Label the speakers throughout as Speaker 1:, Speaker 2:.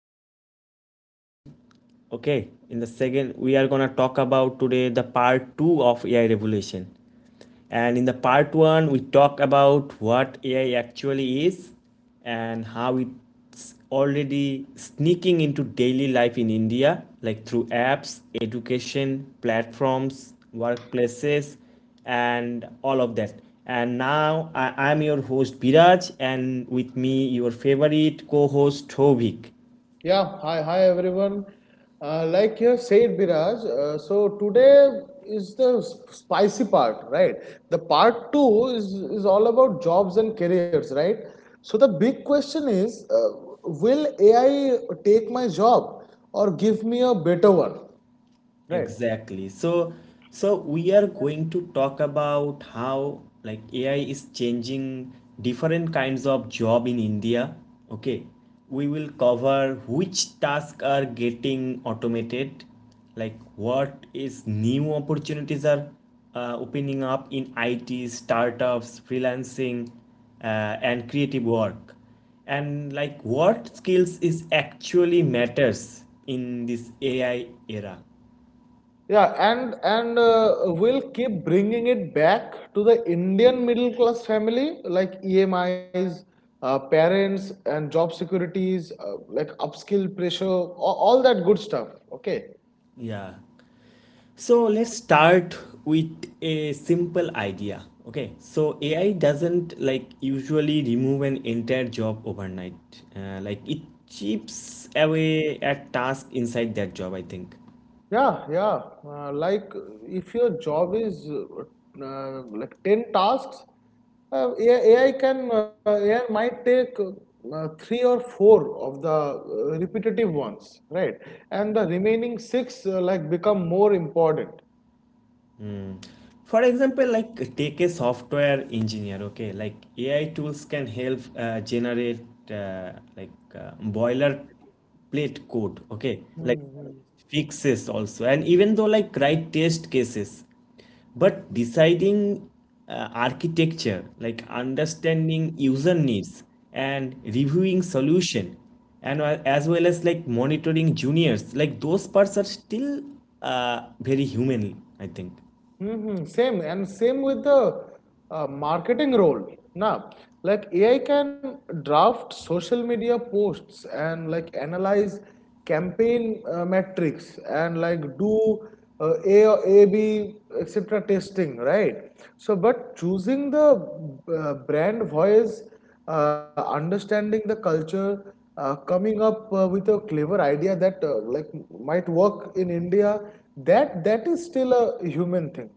Speaker 1: AI revolution. Okay, in the second, we are gonna talk about today the part two of AI revolution. And in the part one, we talked about what AI actually is and how it's already sneaking into daily life in India, like through apps, education, platforms, workplaces, and all of that. And now I am your host Biraj, and with me, your favorite co host Hovik.
Speaker 2: Yeah, hi, hi everyone. Like you have said, Biraj, so today is the spicy part, right? The part two is all about jobs and careers, right? So the big question is will AI take my job or give me a better one, right?
Speaker 1: Exactly. So we are going to talk about how like AI is changing different kinds of job in India. Okay. We will cover which tasks are getting automated, like what is new opportunities are opening up in IT, startups, freelancing, and creative work and like what skills is actually matters in this AI era.
Speaker 2: Yeah, and we'll keep bringing it back to the Indian middle class family, like EMIs, parents, and job securities, like upskill pressure, all that good stuff. Okay.
Speaker 1: Yeah. So let's start with a simple idea. Okay. So AI doesn't like usually remove an entire job overnight. Like it chips away at task inside that job, I think.
Speaker 2: Yeah, yeah. Like if your job is like 10 tasks, AI might take three or four of the repetitive ones, right? And the remaining six like become more important.
Speaker 1: Mm. For example, like take a software engineer, okay, like AI tools can help generate like boilerplate code, okay, like
Speaker 2: Mhm.
Speaker 1: fixes also, and even though like write test cases, but deciding architecture, like understanding user needs and reviewing solution, and as well as like monitoring juniors, like those parts are still very human, I think.
Speaker 2: Mm-hmm. Same and same with the marketing role. Now, like AI can draft social media posts and like analyze campaign metrics and like do A or AB etc. testing, right? So, but choosing the brand voice, understanding the culture, coming up with a clever idea that like might work in India, that is still a human thing.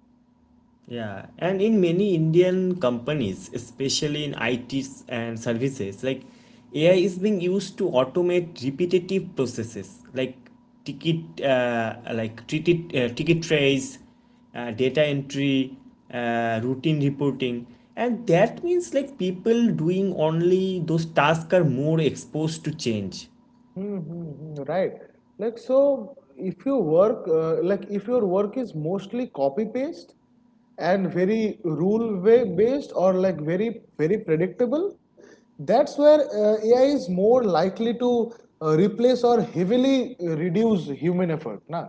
Speaker 1: Yeah, and in many Indian companies, especially in ITs and services, like AI is being used to automate repetitive processes like ticket trace, data entry, routine reporting, and that means like people doing only those tasks are more exposed to change.
Speaker 2: Hmm, hmm, hmm, right. Like so, if you work, like if your work is mostly copy paste and very rule way based or like very predictable, that's where AI is more likely to replace or heavily reduce human effort, na.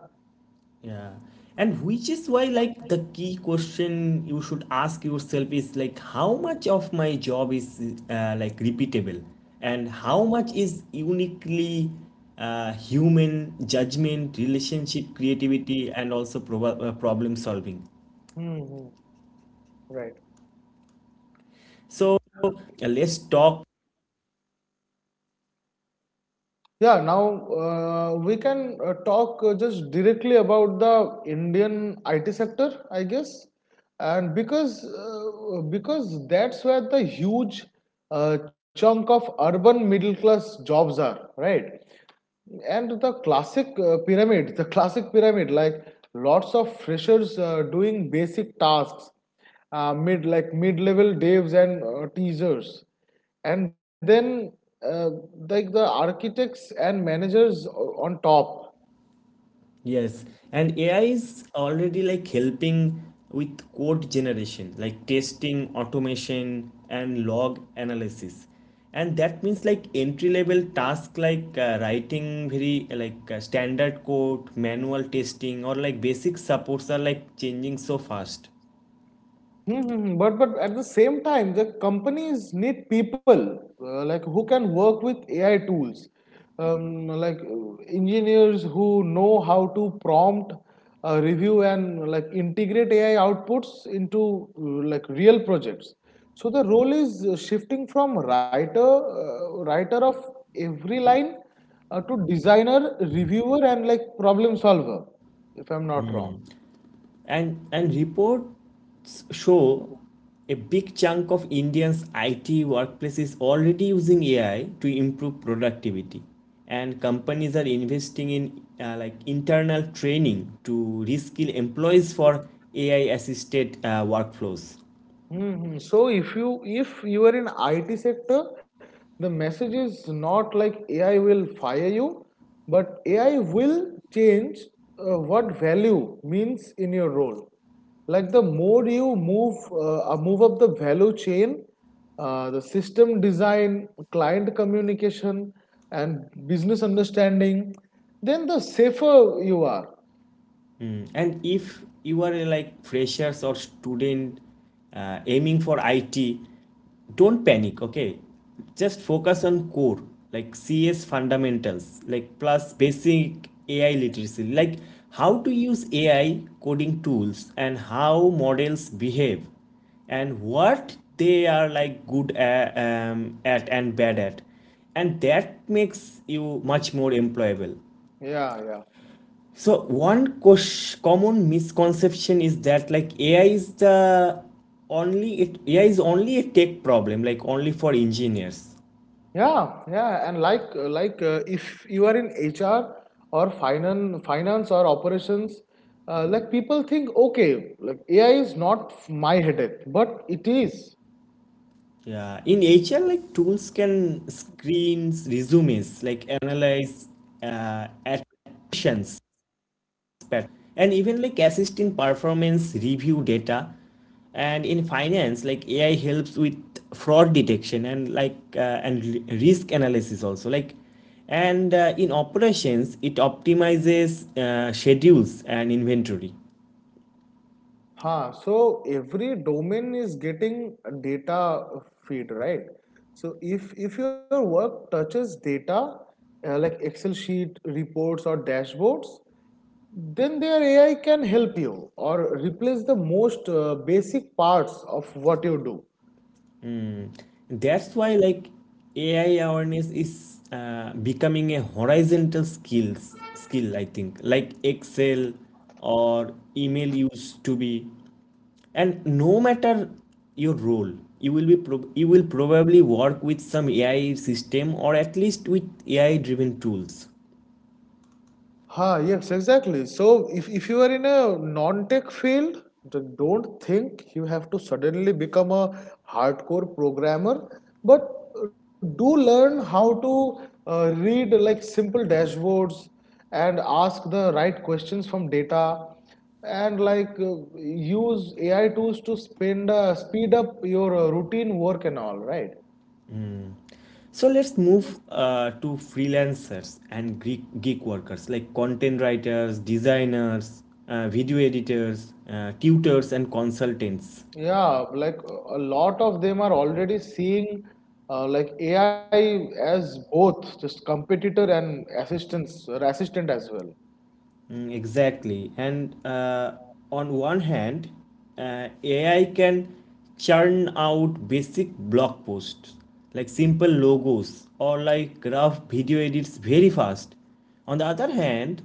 Speaker 1: Yeah. And which is why, like, the key question you should ask yourself is, like, how much of my job is, like, repeatable? And how much is uniquely human judgment, relationship, creativity, and also problem solving?
Speaker 2: Hmm, hmm. Right.
Speaker 1: So, uh, let's talk.
Speaker 2: Yeah, now we can talk just directly about the Indian IT sector, I guess. And because that's where the huge chunk of urban middle class jobs are, right? And the classic pyramid, like lots of freshers doing basic tasks, mid-level devs and teasers, and then uh, like the architects and managers on top.
Speaker 1: Yes, and AI is already like helping with code generation, like testing, automation, and log analysis. And that means like entry level task like writing very like standard code, manual testing, or like basic supports are like changing so fast.
Speaker 2: Mm-hmm. But at the same time, the companies need people like who can work with AI tools, like engineers who know how to prompt, review, and like integrate AI outputs into like real projects. So the role is shifting from writer of every line, to designer, reviewer, and like problem solver, if I'm not wrong.
Speaker 1: And reports show a big chunk of Indians' IT workplaces already using AI to improve productivity, and companies are investing in like internal training to reskill employees for AI-assisted workflows.
Speaker 2: Hmm. So if you are in IT sector, the message is not like AI will fire you, but AI will change what value means in your role. Like the more you move move up the value chain, the system design, client communication, and business understanding, then the safer you are.
Speaker 1: Mm. And if you are like freshers or student aiming for IT, don't panic, okay? Just focus on core, like CS fundamentals, like plus basic AI literacy, like how to use AI coding tools and how models behave and what they are like good at and bad at. And that makes you much more employable.
Speaker 2: Yeah, yeah.
Speaker 1: So one common misconception is that like AI is the only it AI is only a tech problem, like only for engineers.
Speaker 2: Yeah, yeah, and if you are in HR or finance or operations, like people think, okay, like AI is not my headache, but it is.
Speaker 1: Yeah, in HR like tools can screens resumes, like analyze uh, attritions, pat- and even like assist in performance review data, and in finance like AI helps with fraud detection and like risk analysis also, like, and in operations it optimizes schedules and inventory.
Speaker 2: Huh. So every domain is getting a data feed, right? So if your work touches data, like Excel sheet, reports or dashboards, then their AI can help you or replace the most basic parts of what you do.
Speaker 1: That's why like AI awareness is becoming a horizontal skill, I think, like Excel or email used to be. And no matter your role, you will be prob- you will probably work with some AI system or at least with AI driven tools.
Speaker 2: Huh, yes, exactly. So if you are in a non-tech field, then don't think you have to suddenly become a hardcore programmer, but do learn how to read like simple dashboards and ask the right questions from data and like use AI tools to speed up your routine work and all, right?
Speaker 1: So let's move to freelancers and geek workers, like content writers, designers, video editors, tutors, and consultants.
Speaker 2: Yeah, like a lot of them are already seeing like AI as both just competitor and assistance or assistant as well.
Speaker 1: Mm, exactly. And on one hand, AI can churn out basic blog posts, like simple logos or like rough video edits, very fast. On the other hand,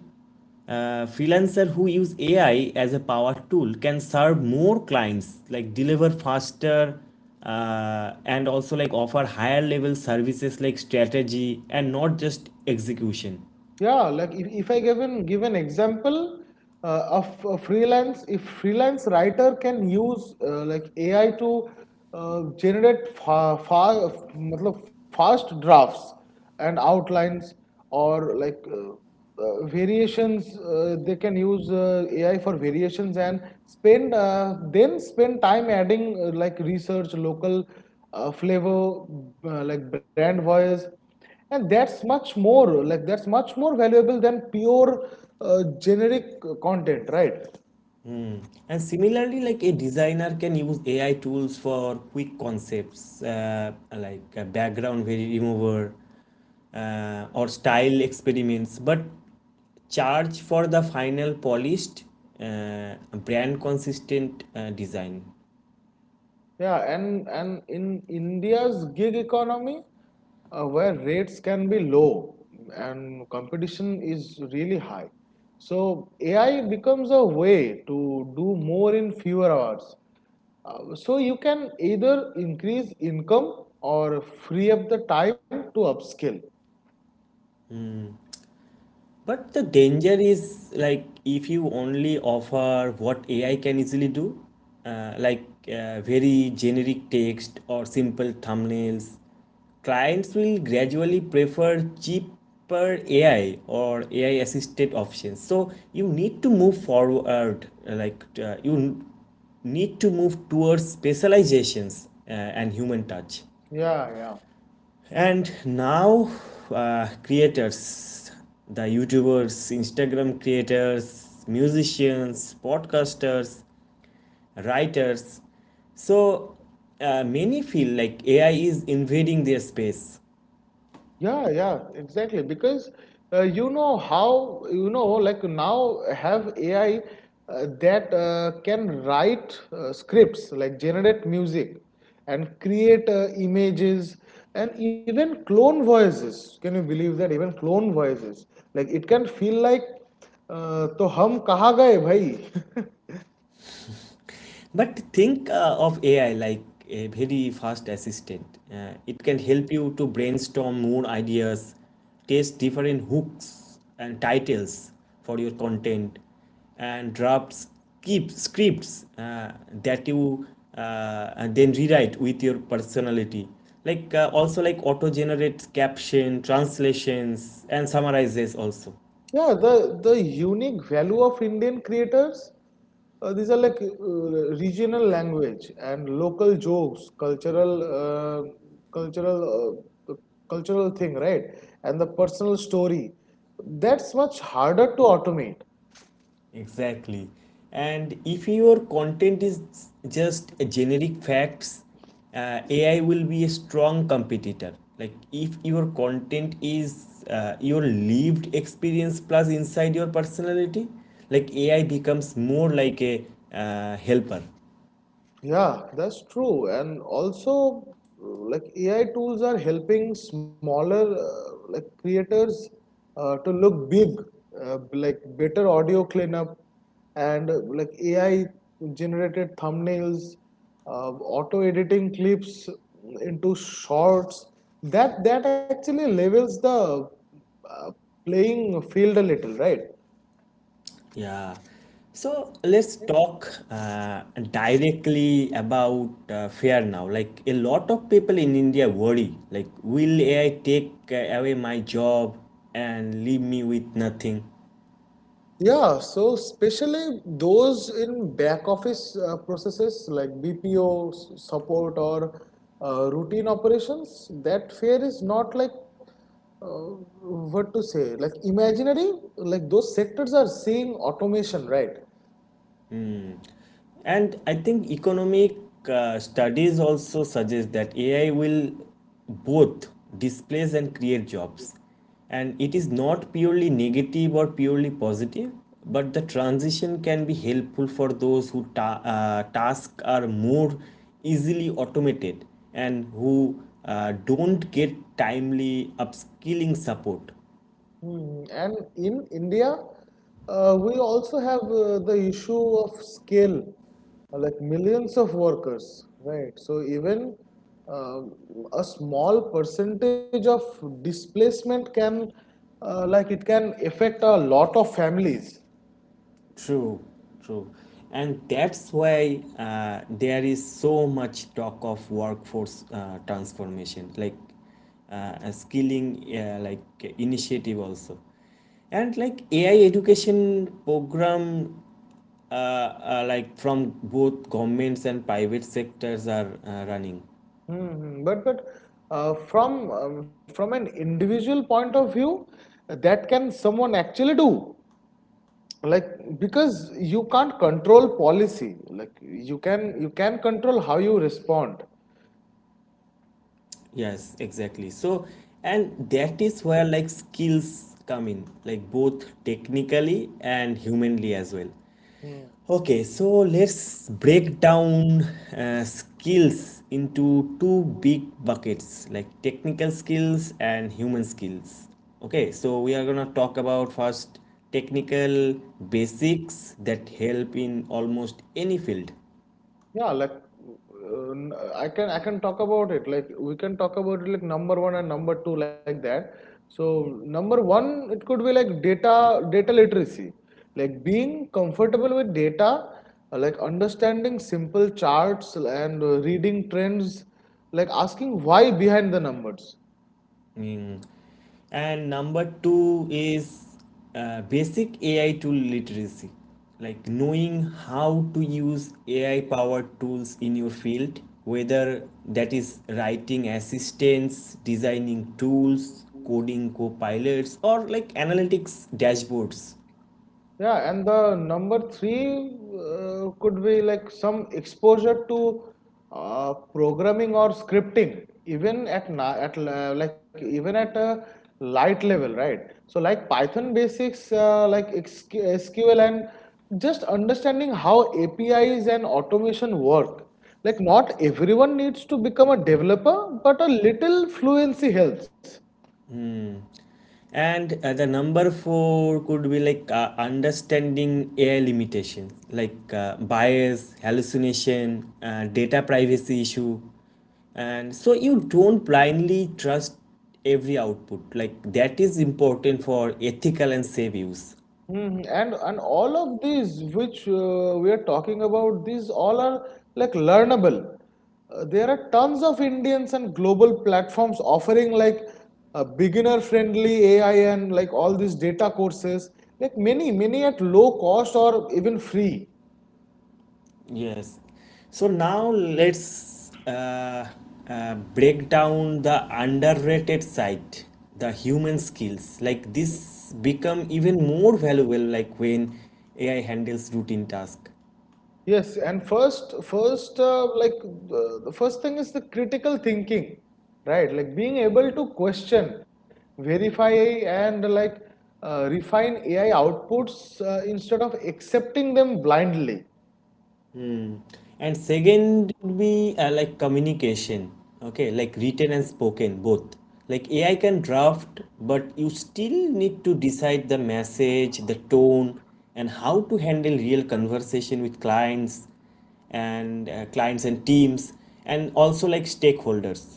Speaker 1: freelancers who use AI as a power tool can serve more clients, like deliver faster, and also like offer higher level services like strategy and not just execution.
Speaker 2: Yeah, like if I give an example of a freelance, if freelance writer can use like AI to generate मतलब fast drafts and outlines or like variations, they can use AI for variations and spend then spend time adding like research, local flavor, like brand voice, and that's much more like that's much more valuable than pure generic content, right?
Speaker 1: And similarly, like a designer can use AI tools for quick concepts, like background remover or style experiments, but charge for the final polished, brand consistent design.
Speaker 2: Yeah, and in India's gig economy, where rates can be low and competition is really high, so AI becomes a way to do more in fewer hours, so you can either increase income or free up the time to upskill.
Speaker 1: But the danger is, like, if you only offer what AI can easily do, like very generic text or simple thumbnails, clients will gradually prefer cheaper AI or AI assisted options. So you need to move forward, like you need to move towards specializations and human touch.
Speaker 2: Yeah, yeah.
Speaker 1: And now, creators, the YouTubers, Instagram creators, musicians, podcasters, writers, so many feel like AI is invading their space.
Speaker 2: Yeah, yeah, exactly. Because you know, like now have AI that can write scripts, like generate music and create images, and even clone voices. Can you believe that? Even clone voices. Like it can feel like, तो हम कहाँ गए भाई?
Speaker 1: But think of AI like a very fast assistant. It can help you to brainstorm more ideas, test different hooks and titles for your content, and draft keep scripts that you and then rewrite with your personality. Like also like auto generates caption, translations, and summarizes also.
Speaker 2: Yeah, the unique value of Indian creators, these are like regional language and local jokes, cultural thing, right? And the personal story. That's much harder to automate.
Speaker 1: Exactly. And if your content is just generic facts, AI will be a strong competitor. Like if your content is your lived experience plus inside your personality, like AI becomes more like a helper.
Speaker 2: Yeah, that's true. And also, like AI tools are helping smaller like creators to look big, like better audio cleanup and like AI generated thumbnails, auto editing clips into shorts. That actually levels the uh, playing field a little, right?
Speaker 1: Yeah. So let's talk directly about fear now. Like a lot of people in India worry, like, will AI take away my job and leave me with nothing?
Speaker 2: Yeah, so especially those in back office processes like BPO support or routine operations, that fear is not like uh, like imaginary, like those sectors are seeing automation, right?
Speaker 1: And I think economic studies also suggest that AI will both displace and create jobs. And it is not purely negative or purely positive, but the transition can be helpful for those who tasks are more easily automated and who don't get timely upskilling support.
Speaker 2: Mm. And in India, we also have the issue of scale, like millions of workers, right? So even um a small percentage of displacement can, like it can affect a lot of families.
Speaker 1: True, true. And that's why there is so much talk of workforce transformation, like a skilling like initiative also. And like AI education program like from both governments and private sectors are running.
Speaker 2: Hmm, hmm. But from an individual point of view, that can someone actually do? Like because you can't control policy, like you can control how you respond.
Speaker 1: Yes, exactly. So, and that is where like skills come in, like both technically and humanly as well.
Speaker 2: Hmm.
Speaker 1: Okay, so let's break down skills into two big buckets, like technical skills and human skills. Okay, so we are gonna talk about first technical basics that help in almost any field.
Speaker 2: Yeah, like I can talk about it, like number one and number two, like that. So number one, it could be like data literacy, like being comfortable with data, like understanding simple charts and reading trends, like asking why behind the numbers.
Speaker 1: Mm. And number two is basic AI tool literacy, like knowing how to use AI powered tools in your field, whether that is writing assistants, designing tools, coding co pilots, or like analytics dashboards.
Speaker 2: Yeah, and the number three could be like some exposure to programming or scripting, even at even at a light level, right? So like Python basics, like XQ SQL, and just understanding how APIs and automation work. Like not everyone needs to become a developer, but a little fluency helps.
Speaker 1: And the number four could be like understanding AI limitations, like bias, hallucination, data privacy issue. And so you don't blindly trust every output. Like that is important for ethical and safe use.
Speaker 2: Mhm. And all of these which we are talking about, these all are like learnable. There are tons of Indians and global platforms offering like beginner-friendly AI and like all these data courses, like many at low cost or even free.
Speaker 1: Yes. So now let's break down the underrated side, the human skills. Like this become even more valuable like when AI handles routine task.
Speaker 2: Yes, and first, the first thing is the critical thinking, right? Like being able to question, verify, and like refine AI outputs instead of accepting them blindly.
Speaker 1: And second would be like communication, okay, like written and spoken both. Like AI can draft, but you still need to decide the message, the tone, and how to handle real conversation with clients and teams, and also like stakeholders.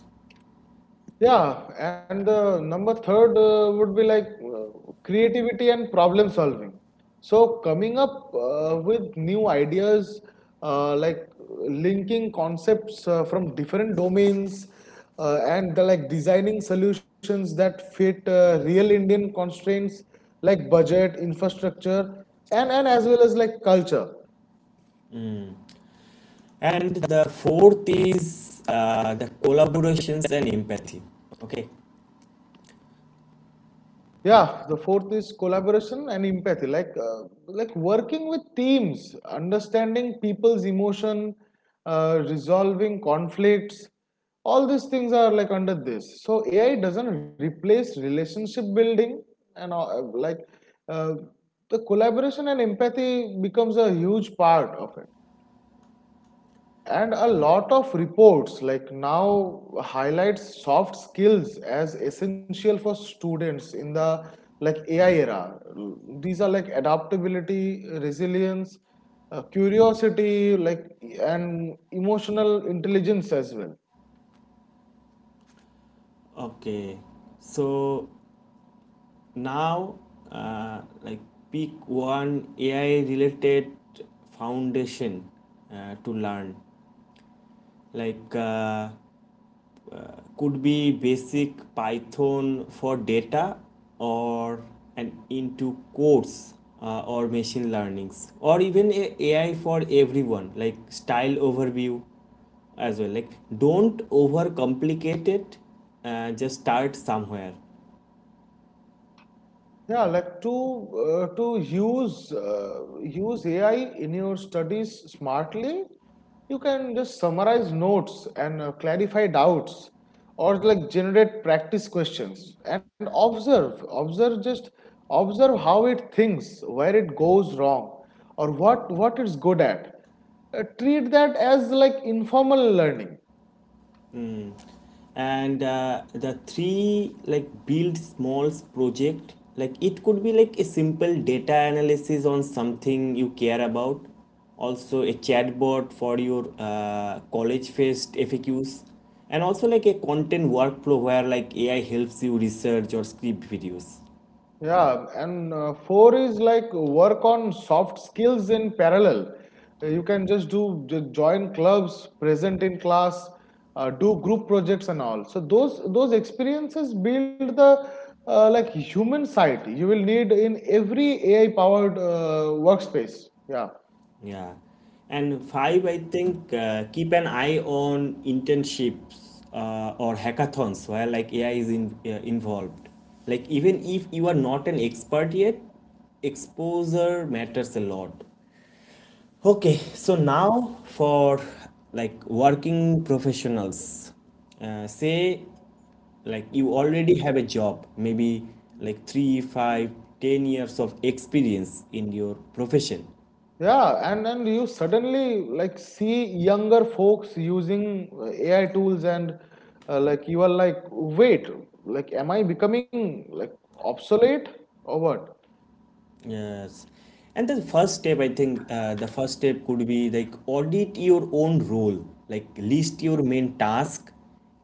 Speaker 2: Yeah, and number third would be like creativity and problem solving. So coming up with new ideas, like linking concepts from different domains, like designing solutions that fit real Indian constraints like budget, infrastructure, and as well as like culture.
Speaker 1: And the fourth is the collaborations and empathy. Okay.
Speaker 2: Yeah, the fourth is collaboration and empathy, like working with teams, understanding people's emotion, resolving conflicts. All these things are like under this. So AI doesn't replace relationship building, and uh, the collaboration and empathy becomes a huge part of it. And a lot of reports like now highlights soft skills as essential for students in the like AI era. These are like adaptability, resilience, curiosity, like, and emotional intelligence as well.
Speaker 1: Okay. So now, like pick one AI related foundation to learn, like uh, could be basic Python for data, or an into codes, or machine learnings, or even a AI for everyone like style overview as well. Like don't overcomplicate it, just start somewhere.
Speaker 2: Yeah, like to use AI in your studies smartly, you can just summarize notes and clarify doubts, or like generate practice questions and observe how it thinks, where it goes wrong, or what it's good at. Treat that as like informal learning.
Speaker 1: And the three, like, build smalls project, like it could be like a simple data analysis on something you care about, also a chatbot for your college fest FAQs, and also like a content workflow where like AI helps you research or script videos.
Speaker 2: Yeah, and four is like work on soft skills in parallel. You can just join clubs, present in class, do group projects and all. So those experiences build the like human side you will need in every AI powered workspace. Yeah.
Speaker 1: Yeah. And five, I think keep an eye on internships or hackathons where like AI is involved. Like even if you are not an expert yet, exposure matters a lot. Okay, so now for like working professionals, say like you already have a job, maybe like 3, 5, 10 years of experience in your profession.
Speaker 2: Yeah, and you suddenly like see younger folks using AI tools, and like you are like, wait, like am I becoming like obsolete or what?
Speaker 1: Yes. And the first step, I think, the first step could be like audit your own role, like list your main task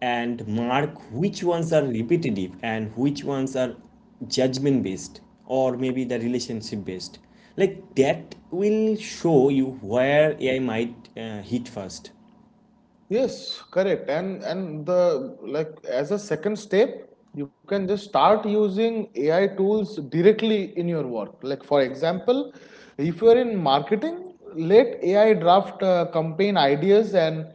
Speaker 1: and mark which ones are repetitive and which ones are judgment based, or maybe the relationship based. Like that will show you where AI might hit first.
Speaker 2: Yes, correct. And the like as a second step, you can just start using AI tools directly in your work. Like for example, if you are in marketing, let AI draft campaign ideas and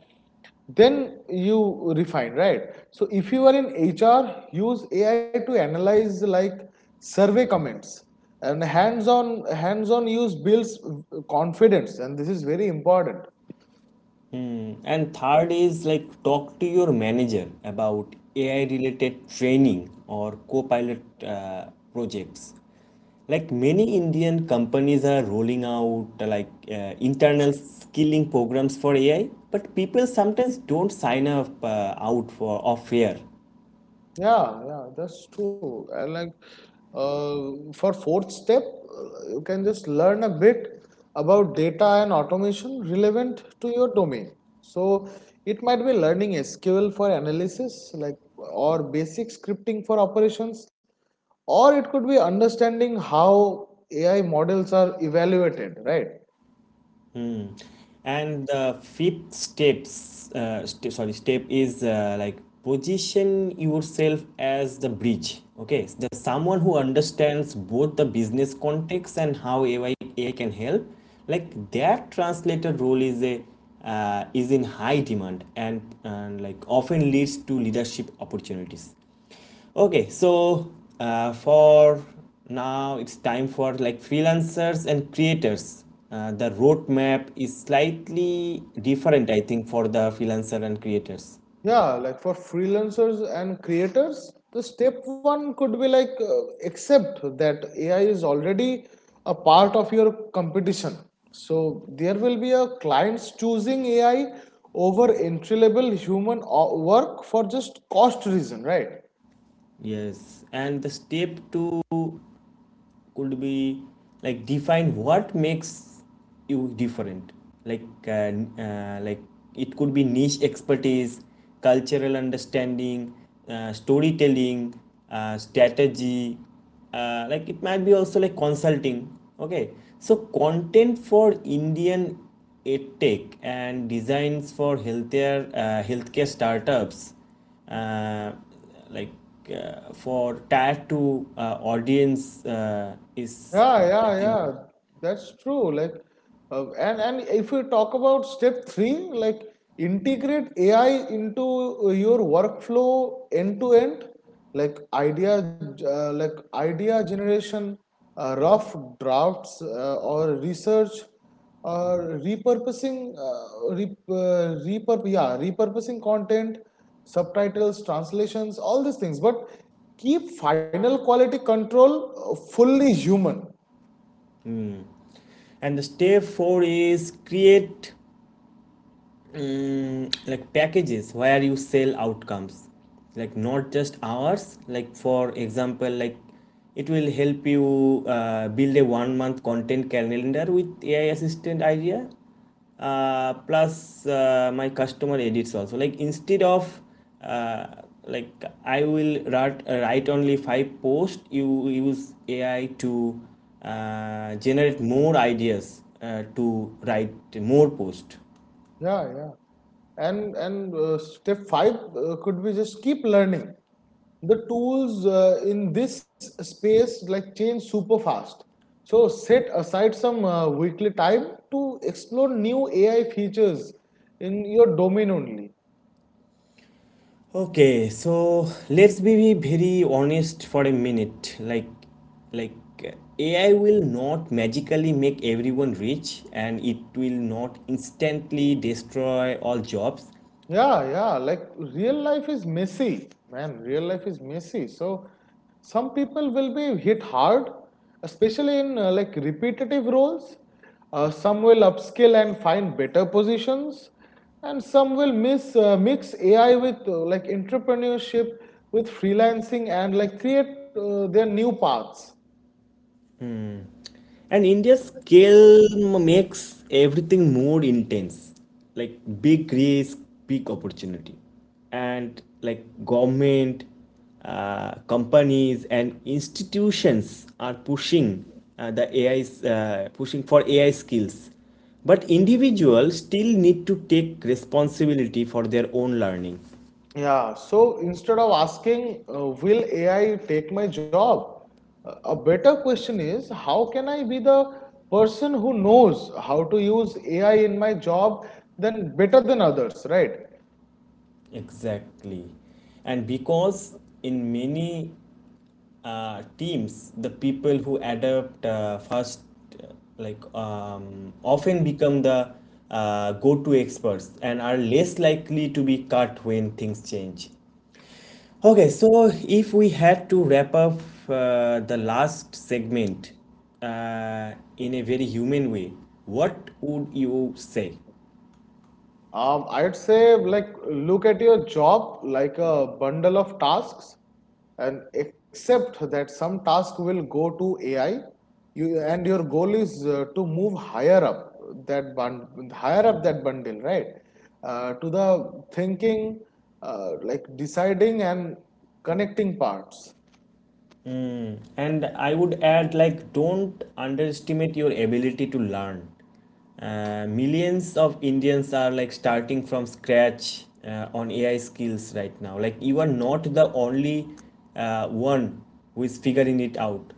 Speaker 2: then you refine, right? So if you are in HR, use AI to analyze like survey comments, and hands-on use builds confidence, and this is very important.
Speaker 1: And third is like talk to your manager about AI related training or co-pilot projects. Like many Indian companies are rolling out like internal skilling programs for AI, but people sometimes don't sign up out for of fear.
Speaker 2: Yeah, yeah, that's true. And like for fourth step, you can just learn a bit about data and automation relevant to your domain. So it might be learning SQL for analysis, like or basic scripting for operations, or it could be understanding how AI models are evaluated, right?
Speaker 1: And the fifth steps, sorry, step is like position yourself as the bridge. Okay, the someone who understands both the business context and how AI can help. Like that translator role is in high demand, and, like often leads to leadership opportunities. Okay, so for now, it's time for like freelancers and creators. The roadmap is slightly different, I think, for the freelancer and creators.
Speaker 2: Yeah, like for freelancers and creators, the step one could be like accept that AI is already a part of your competition. So there will be a clients choosing AI over entry level work for just cost reason, right?
Speaker 1: Yes, and the step to could be like define what makes you different like uh, like it could be niche expertise, cultural understanding, storytelling, strategy, like it might be also like consulting. Okay, so content for indian edtech and designs for healthier healthcare startups, uh, like for tier 2 audience is
Speaker 2: Yeah,
Speaker 1: I
Speaker 2: yeah,
Speaker 1: think.
Speaker 2: yeah. that's true. Like, and if you talk about step three, like integrate AI into your workflow end to end, like like idea generation, rough drafts, or research, or repurposing, rep, repurp, yeah, repurposing content, subtitles, translations, all these things. But keep final quality control fully human.
Speaker 1: And the step 4 is create, like packages where you sell outcomes, like not just hours, like for example, like it will help you build a 1 month content calendar with ai assistant idea, plus my customer edits also, like instead of uh, like i will write only five posts, you use ai to generate more ideas to write more posts.
Speaker 2: Yeah, yeah. And Step five could be just keep learning. The tools in this space like change super fast. So set aside some weekly time to explore new AI features in your domain only.
Speaker 1: Okay, so let's be very honest for a minute. Like uh, AI will not magically make everyone rich, and it will not instantly destroy all jobs.
Speaker 2: Yeah, yeah. Like real life is messy, man. Real life is messy. So some people will be hit hard, especially in like repetitive roles. Some will upskill and find better positions, and some will miss mix AI with like entrepreneurship, with freelancing, and like create their new paths.
Speaker 1: And India's scale m- makes everything more intense, like big risk, big opportunity. And like government, companies, and institutions are pushing, uh, the AI's uh, pushing for AI skills, but individuals still need to take responsibility for their own learning.
Speaker 2: Yeah, so instead of asking, will AI take my job? A better question is, how can I be the person who knows how to use AI in my job than better than others, right?
Speaker 1: Exactly. And because in many teams, the people who adapt first, uh, often become the go-to experts and are less likely to be cut when things change. Okay, so if we had to wrap up the last segment uh, in a very human way, what would you say?
Speaker 2: I'd say like look at your job like a bundle of tasks and accept that some task will go to AI. Your goal is to move higher up that bund higher up that bundle, right? To the thinking, like deciding and connecting parts.
Speaker 1: And I would add, like, don't underestimate your ability to learn. Millions of Indians are like starting from scratch on AI skills right now. Like, you are not the only one who is figuring it out.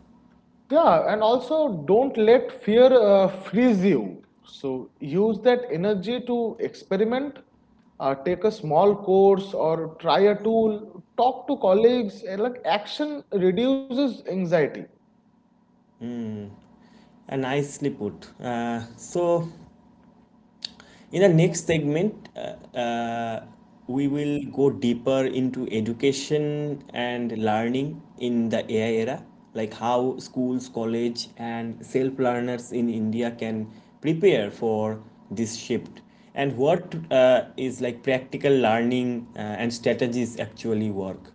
Speaker 2: Yeah, and also don't let fear freeze you. So use that energy to experiment, take a small course or try a tool, talk to colleagues, and like action reduces anxiety.
Speaker 1: And nicely put. In the next segment, uh, we will go deeper into education and learning in the AI era, like how schools, college, and self learners in India can prepare for this shift, and what is like practical learning and strategies actually work.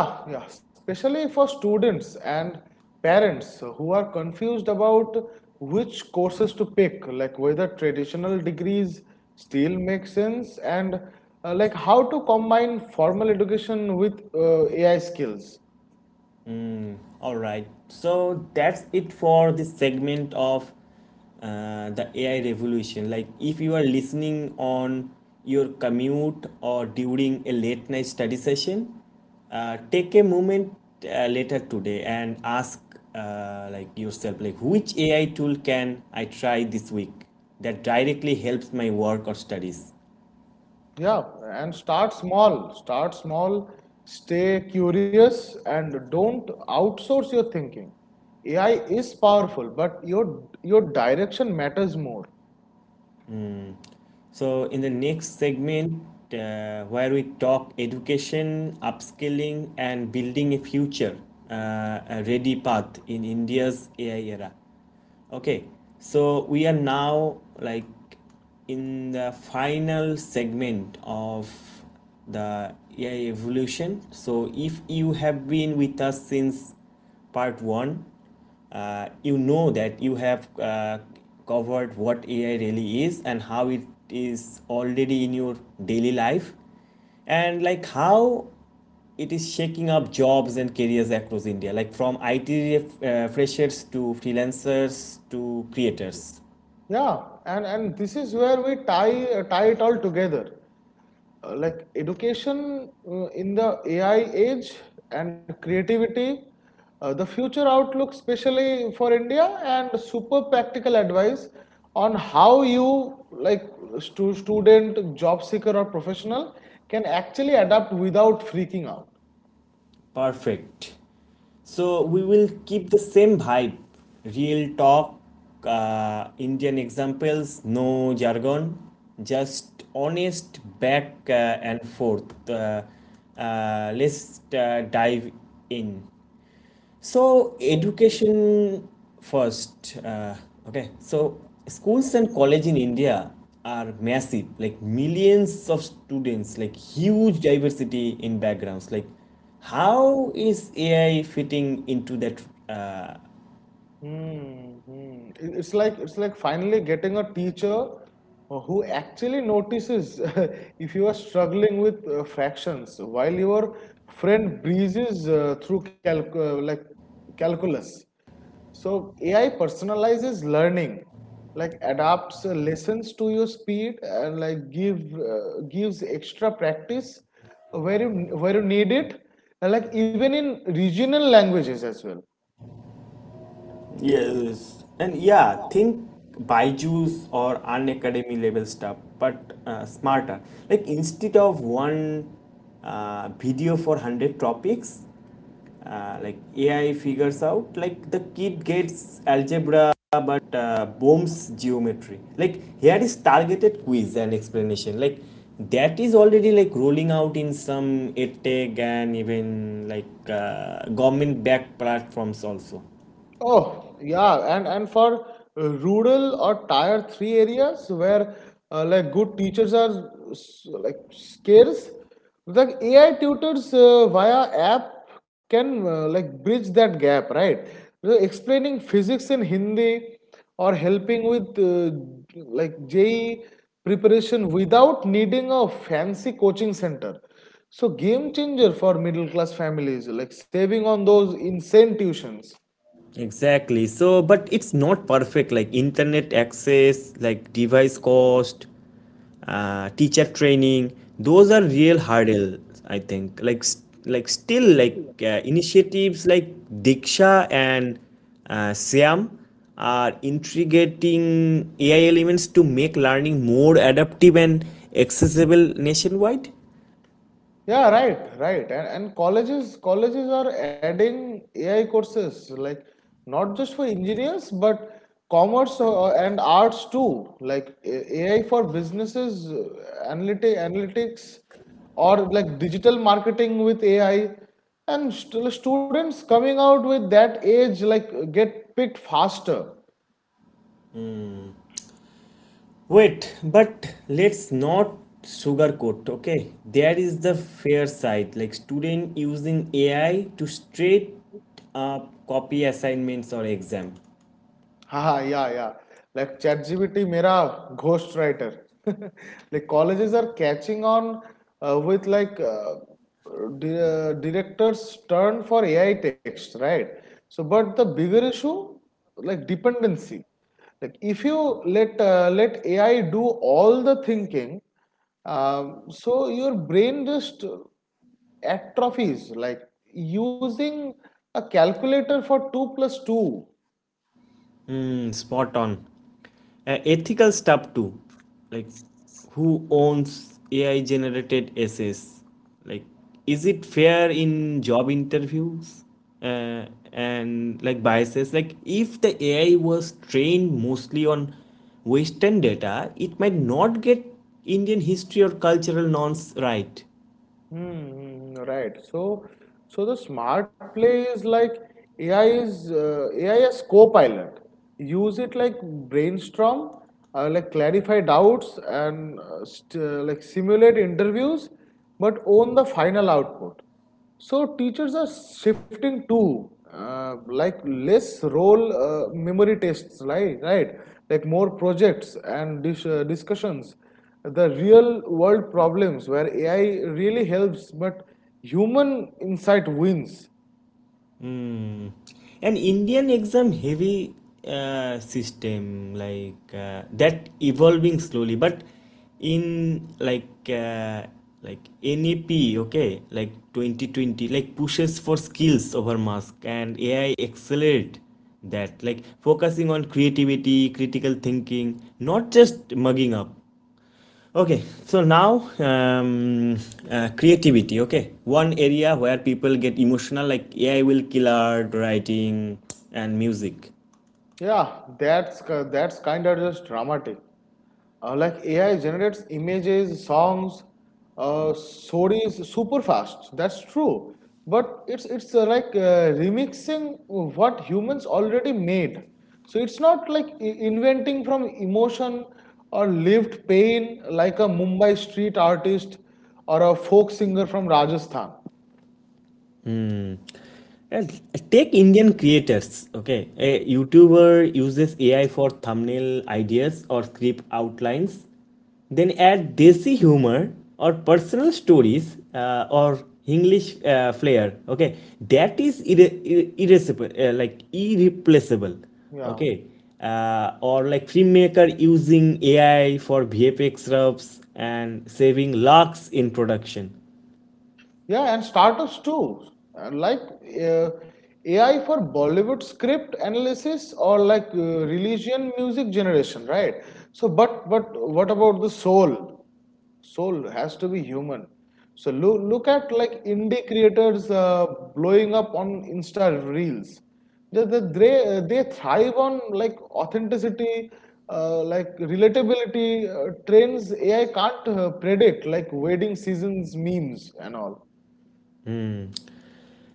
Speaker 2: Yeah, yeah, especially for students and parents who are confused about which courses to pick, like whether traditional degrees still make sense and like how to combine formal education with AI skills.
Speaker 1: All right, so that's it for this segment of the AI revolution. Like, if you are listening on your commute or during a late night study session, take a moment later today and ask like yourself, like, which AI tool can I try this week that directly helps my work or studies?
Speaker 2: Yeah, and start small, stay curious, and don't outsource your thinking. AI is powerful, but your direction matters more.
Speaker 1: So, in the next segment, where we talk education, upskilling, and building a future, a ready path in India's AI era. Okay, so we are now like in the final segment of the AI evolution. So if you have been with us since part one, you know that you have covered what AI really is and how it is already in your daily life, and like how it is shaking up jobs and careers across India, like from IT freshers to freelancers to creators.
Speaker 2: Yeah, and this is where we tie it all together. Like education in the AI age and creativity, the future outlook, especially for India, and super practical advice on how you, like student, job seeker, or professional, can actually adapt without freaking out.
Speaker 1: Perfect. So we will keep the same vibe, real talk, Indian examples, no jargon, just honest back and forth. Let's dive in. So, education first. Okay, so schools and college in India are massive, like millions of students, like huge diversity in backgrounds. Like, how is AI fitting into that? uh,
Speaker 2: It's like finally getting a teacher who actually notices if you are struggling with fractions while your friend breezes through calculus. So AI personalizes learning, like adapts lessons to your speed and gives extra practice where you need it, and like even in regional languages as well.
Speaker 1: Yes, and yeah, think Byju's or Unacademy level stuff, but smarter. Like instead of one video for hundred topics, like AI figures out. Like the kid gets algebra, but bombs geometry. Like here is targeted quiz and explanation. Like that is already like rolling out in some edtech and even like government-backed platforms also.
Speaker 2: Oh, yeah, and for rural or tier three areas where like good teachers are like scarce, the AI tutors via app can like bridge that gap, right? So explaining physics in Hindi or helping with like JE preparation without needing a fancy coaching center. So game changer for middle class families, like saving on those insane tuitions.
Speaker 1: Exactly. So, but it's not perfect. Like internet access, like device cost, teacher training. Those are real hurdles, I think. Like, s- like still, like initiatives like Diksha and Siam are integrating AI elements to make learning more adaptive and accessible nationwide.
Speaker 2: Yeah, right. And colleges are adding AI courses like not just for engineers but commerce and arts too. Like AI for businesses, analytics, or like digital marketing with AI. And students coming out with that age like get picked faster.
Speaker 1: Wait, but let's not sugarcoat, okay? There is the fair side, like student using AI to straight up copy assignments or exam.
Speaker 2: Yeah, yeah. Like ChatGPT, mera ghost writer. Like colleges are catching on with directors turn for AI text, right? So, but the bigger issue, like dependency. Like if you let AI do all the thinking, so your brain just atrophies. Like using a calculator for two plus two.
Speaker 1: Hmm, spot on. Ethical stuff too, like who owns ai generated essays, like is it fair in job interviews, uh, and like biases, like if the ai was trained mostly on western data, it might not get indian history or cultural nonce right.
Speaker 2: Right. So the smart play is like AI as co-pilot. Use it like brainstorm, like clarify doubts and st like simulate interviews, but own the final output. So teachers are shifting to like less role memory tests, right? Right, like more projects and discussions. The real world problems where AI really helps, but human insight wins.
Speaker 1: Mm. An Indian exam heavy system like that evolving slowly, but in like NAP, okay, like 2020, like pushes for skills over mask, and AI accelerate that, like focusing on creativity, critical thinking, not just mugging up. Okay, so now creativity. Okay, one area where people get emotional, like AI will kill art, writing, and music.
Speaker 2: Yeah, that's kind of just dramatic. Like AI generates images, songs, stories super fast. That's true, but it's remixing what humans already made. So it's not like inventing from emotion or lived pain like a Mumbai street artist or a folk singer from Rajasthan.
Speaker 1: Uh, Take Indian creators, okay? A YouTuber uses AI for thumbnail ideas or script outlines, then add desi humor or personal stories or English flair, okay? That is irreplaceable, irreplaceable,
Speaker 2: Yeah.
Speaker 1: okay? Or like filmmaker using AI for VFX rubs and saving lakhs in production.
Speaker 2: Yeah, and startups too. Uh, Like uh, AI for Bollywood script analysis or like religion music generation, right? But what about the soul? Soul has to be human. So look at like indie creators blowing up on Insta reels. They they they, they thrive on like authenticity, like relatability trends AI can't predict, like wedding seasons memes and all.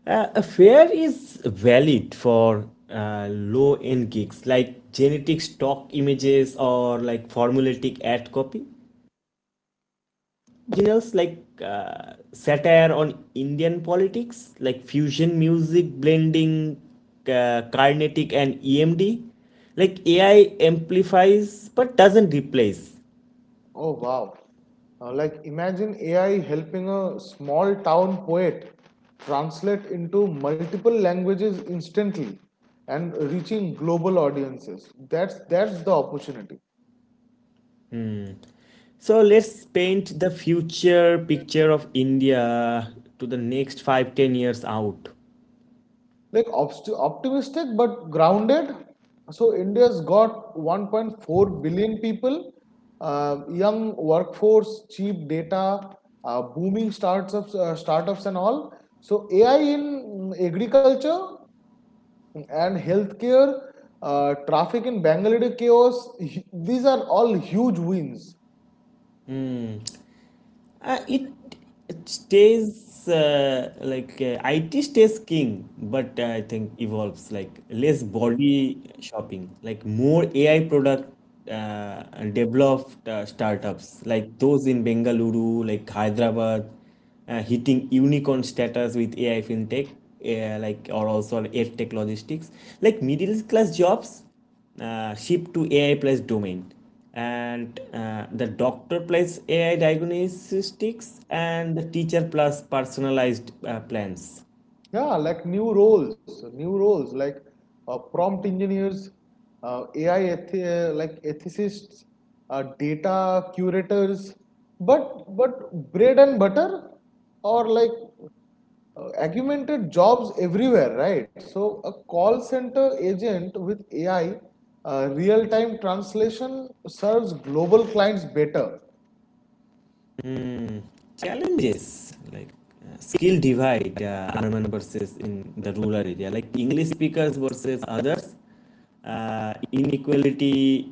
Speaker 1: A fare is valid for low end gigs like genetic stock images or like formulaic ad copy, genres like satire on Indian politics, like fusion music blending Carnatic and EMD. Like AI amplifies but doesn't replace.
Speaker 2: Oh wow. Like imagine AI helping a small town poet translate into multiple languages instantly and reaching global audiences. That's the opportunity.
Speaker 1: So let's paint the future picture of India to the next 5 10 years out.
Speaker 2: Like optimistic but grounded. So India's got 1.4 billion people, young workforce, cheap data, uh, startups and all. So AI in agriculture and healthcare, traffic in Bangalore chaos. These are all huge wins.
Speaker 1: Hmm. Uh, it, IT stays king, but I think evolves like less body shopping, like more AI product uh, developed startups like those in Bengaluru, like Hyderabad, hitting unicorn status with AI fintech, like or also edtech logistics, like middle class jobs shift to AI plus domain. And the doctor plus AI diagnostics and the teacher plus personalized plans.
Speaker 2: Yeah, like new roles like prompt engineers, AI eth- like ethicists, data curators. But bread and butter or like augmented jobs everywhere, right? So a call center agent with AI real-time translation serves global clients better.
Speaker 1: Hmm, challenges like skill divide, urban versus in the rural area, like English speakers versus others, inequality,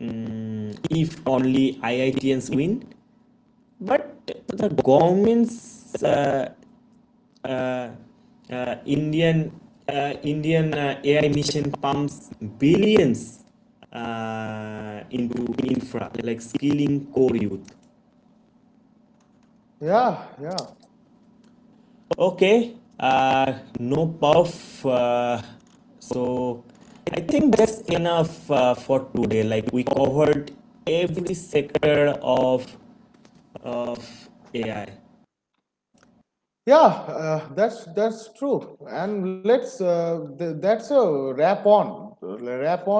Speaker 1: if only IITNs win. But the government's uh, uh, uh, Indian Indian AI mission pumps billions into infra like skilling core youth.
Speaker 2: Yeah, yeah.
Speaker 1: Okay, no puff. So I think that's enough for today. Like we covered every sector of AI.
Speaker 2: Yeah, that's true. And that's a wrap on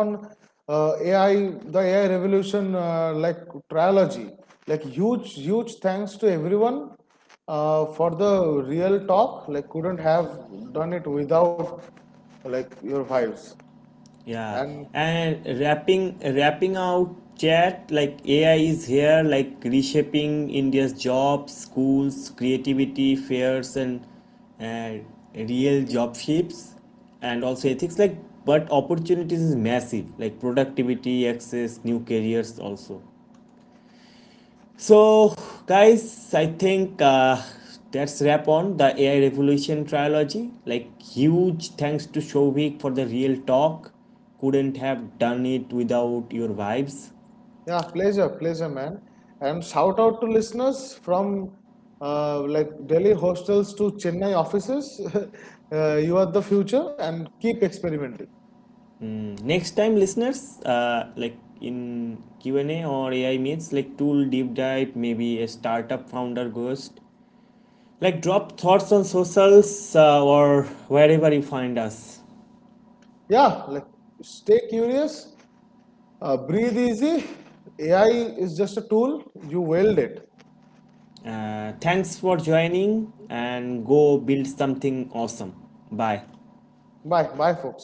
Speaker 2: uh, AI the AI revolution like trilogy. Like huge thanks to everyone for the real talk. Like couldn't have done it without like your vibes
Speaker 1: Yeah,
Speaker 2: and.
Speaker 1: and wrapping out chat, like AI is here, like reshaping India's jobs, schools, creativity, fairs, and and real job shapes, and also ethics. Like, but opportunities is massive. Like productivity, access, new careers also. So, guys, I think that's wrap on the AI Revolution trilogy. Like, huge thanks to Shovik for the real talk. Couldn't have done it without your vibes.
Speaker 2: Yeah, pleasure, man. And shout out to listeners from like Delhi hostels to Chennai offices. You are the future and keep experimenting.
Speaker 1: Next time, listeners, like in Q and A or AI meets, like tool deep dive, maybe a startup founder ghost. Like, drop thoughts on socials or wherever you find us.
Speaker 2: Yeah, like stay curious, breathe easy. AI is just a tool, you wield it.
Speaker 1: Thanks for joining and go build something awesome. Bye.
Speaker 2: Bye, bye, folks.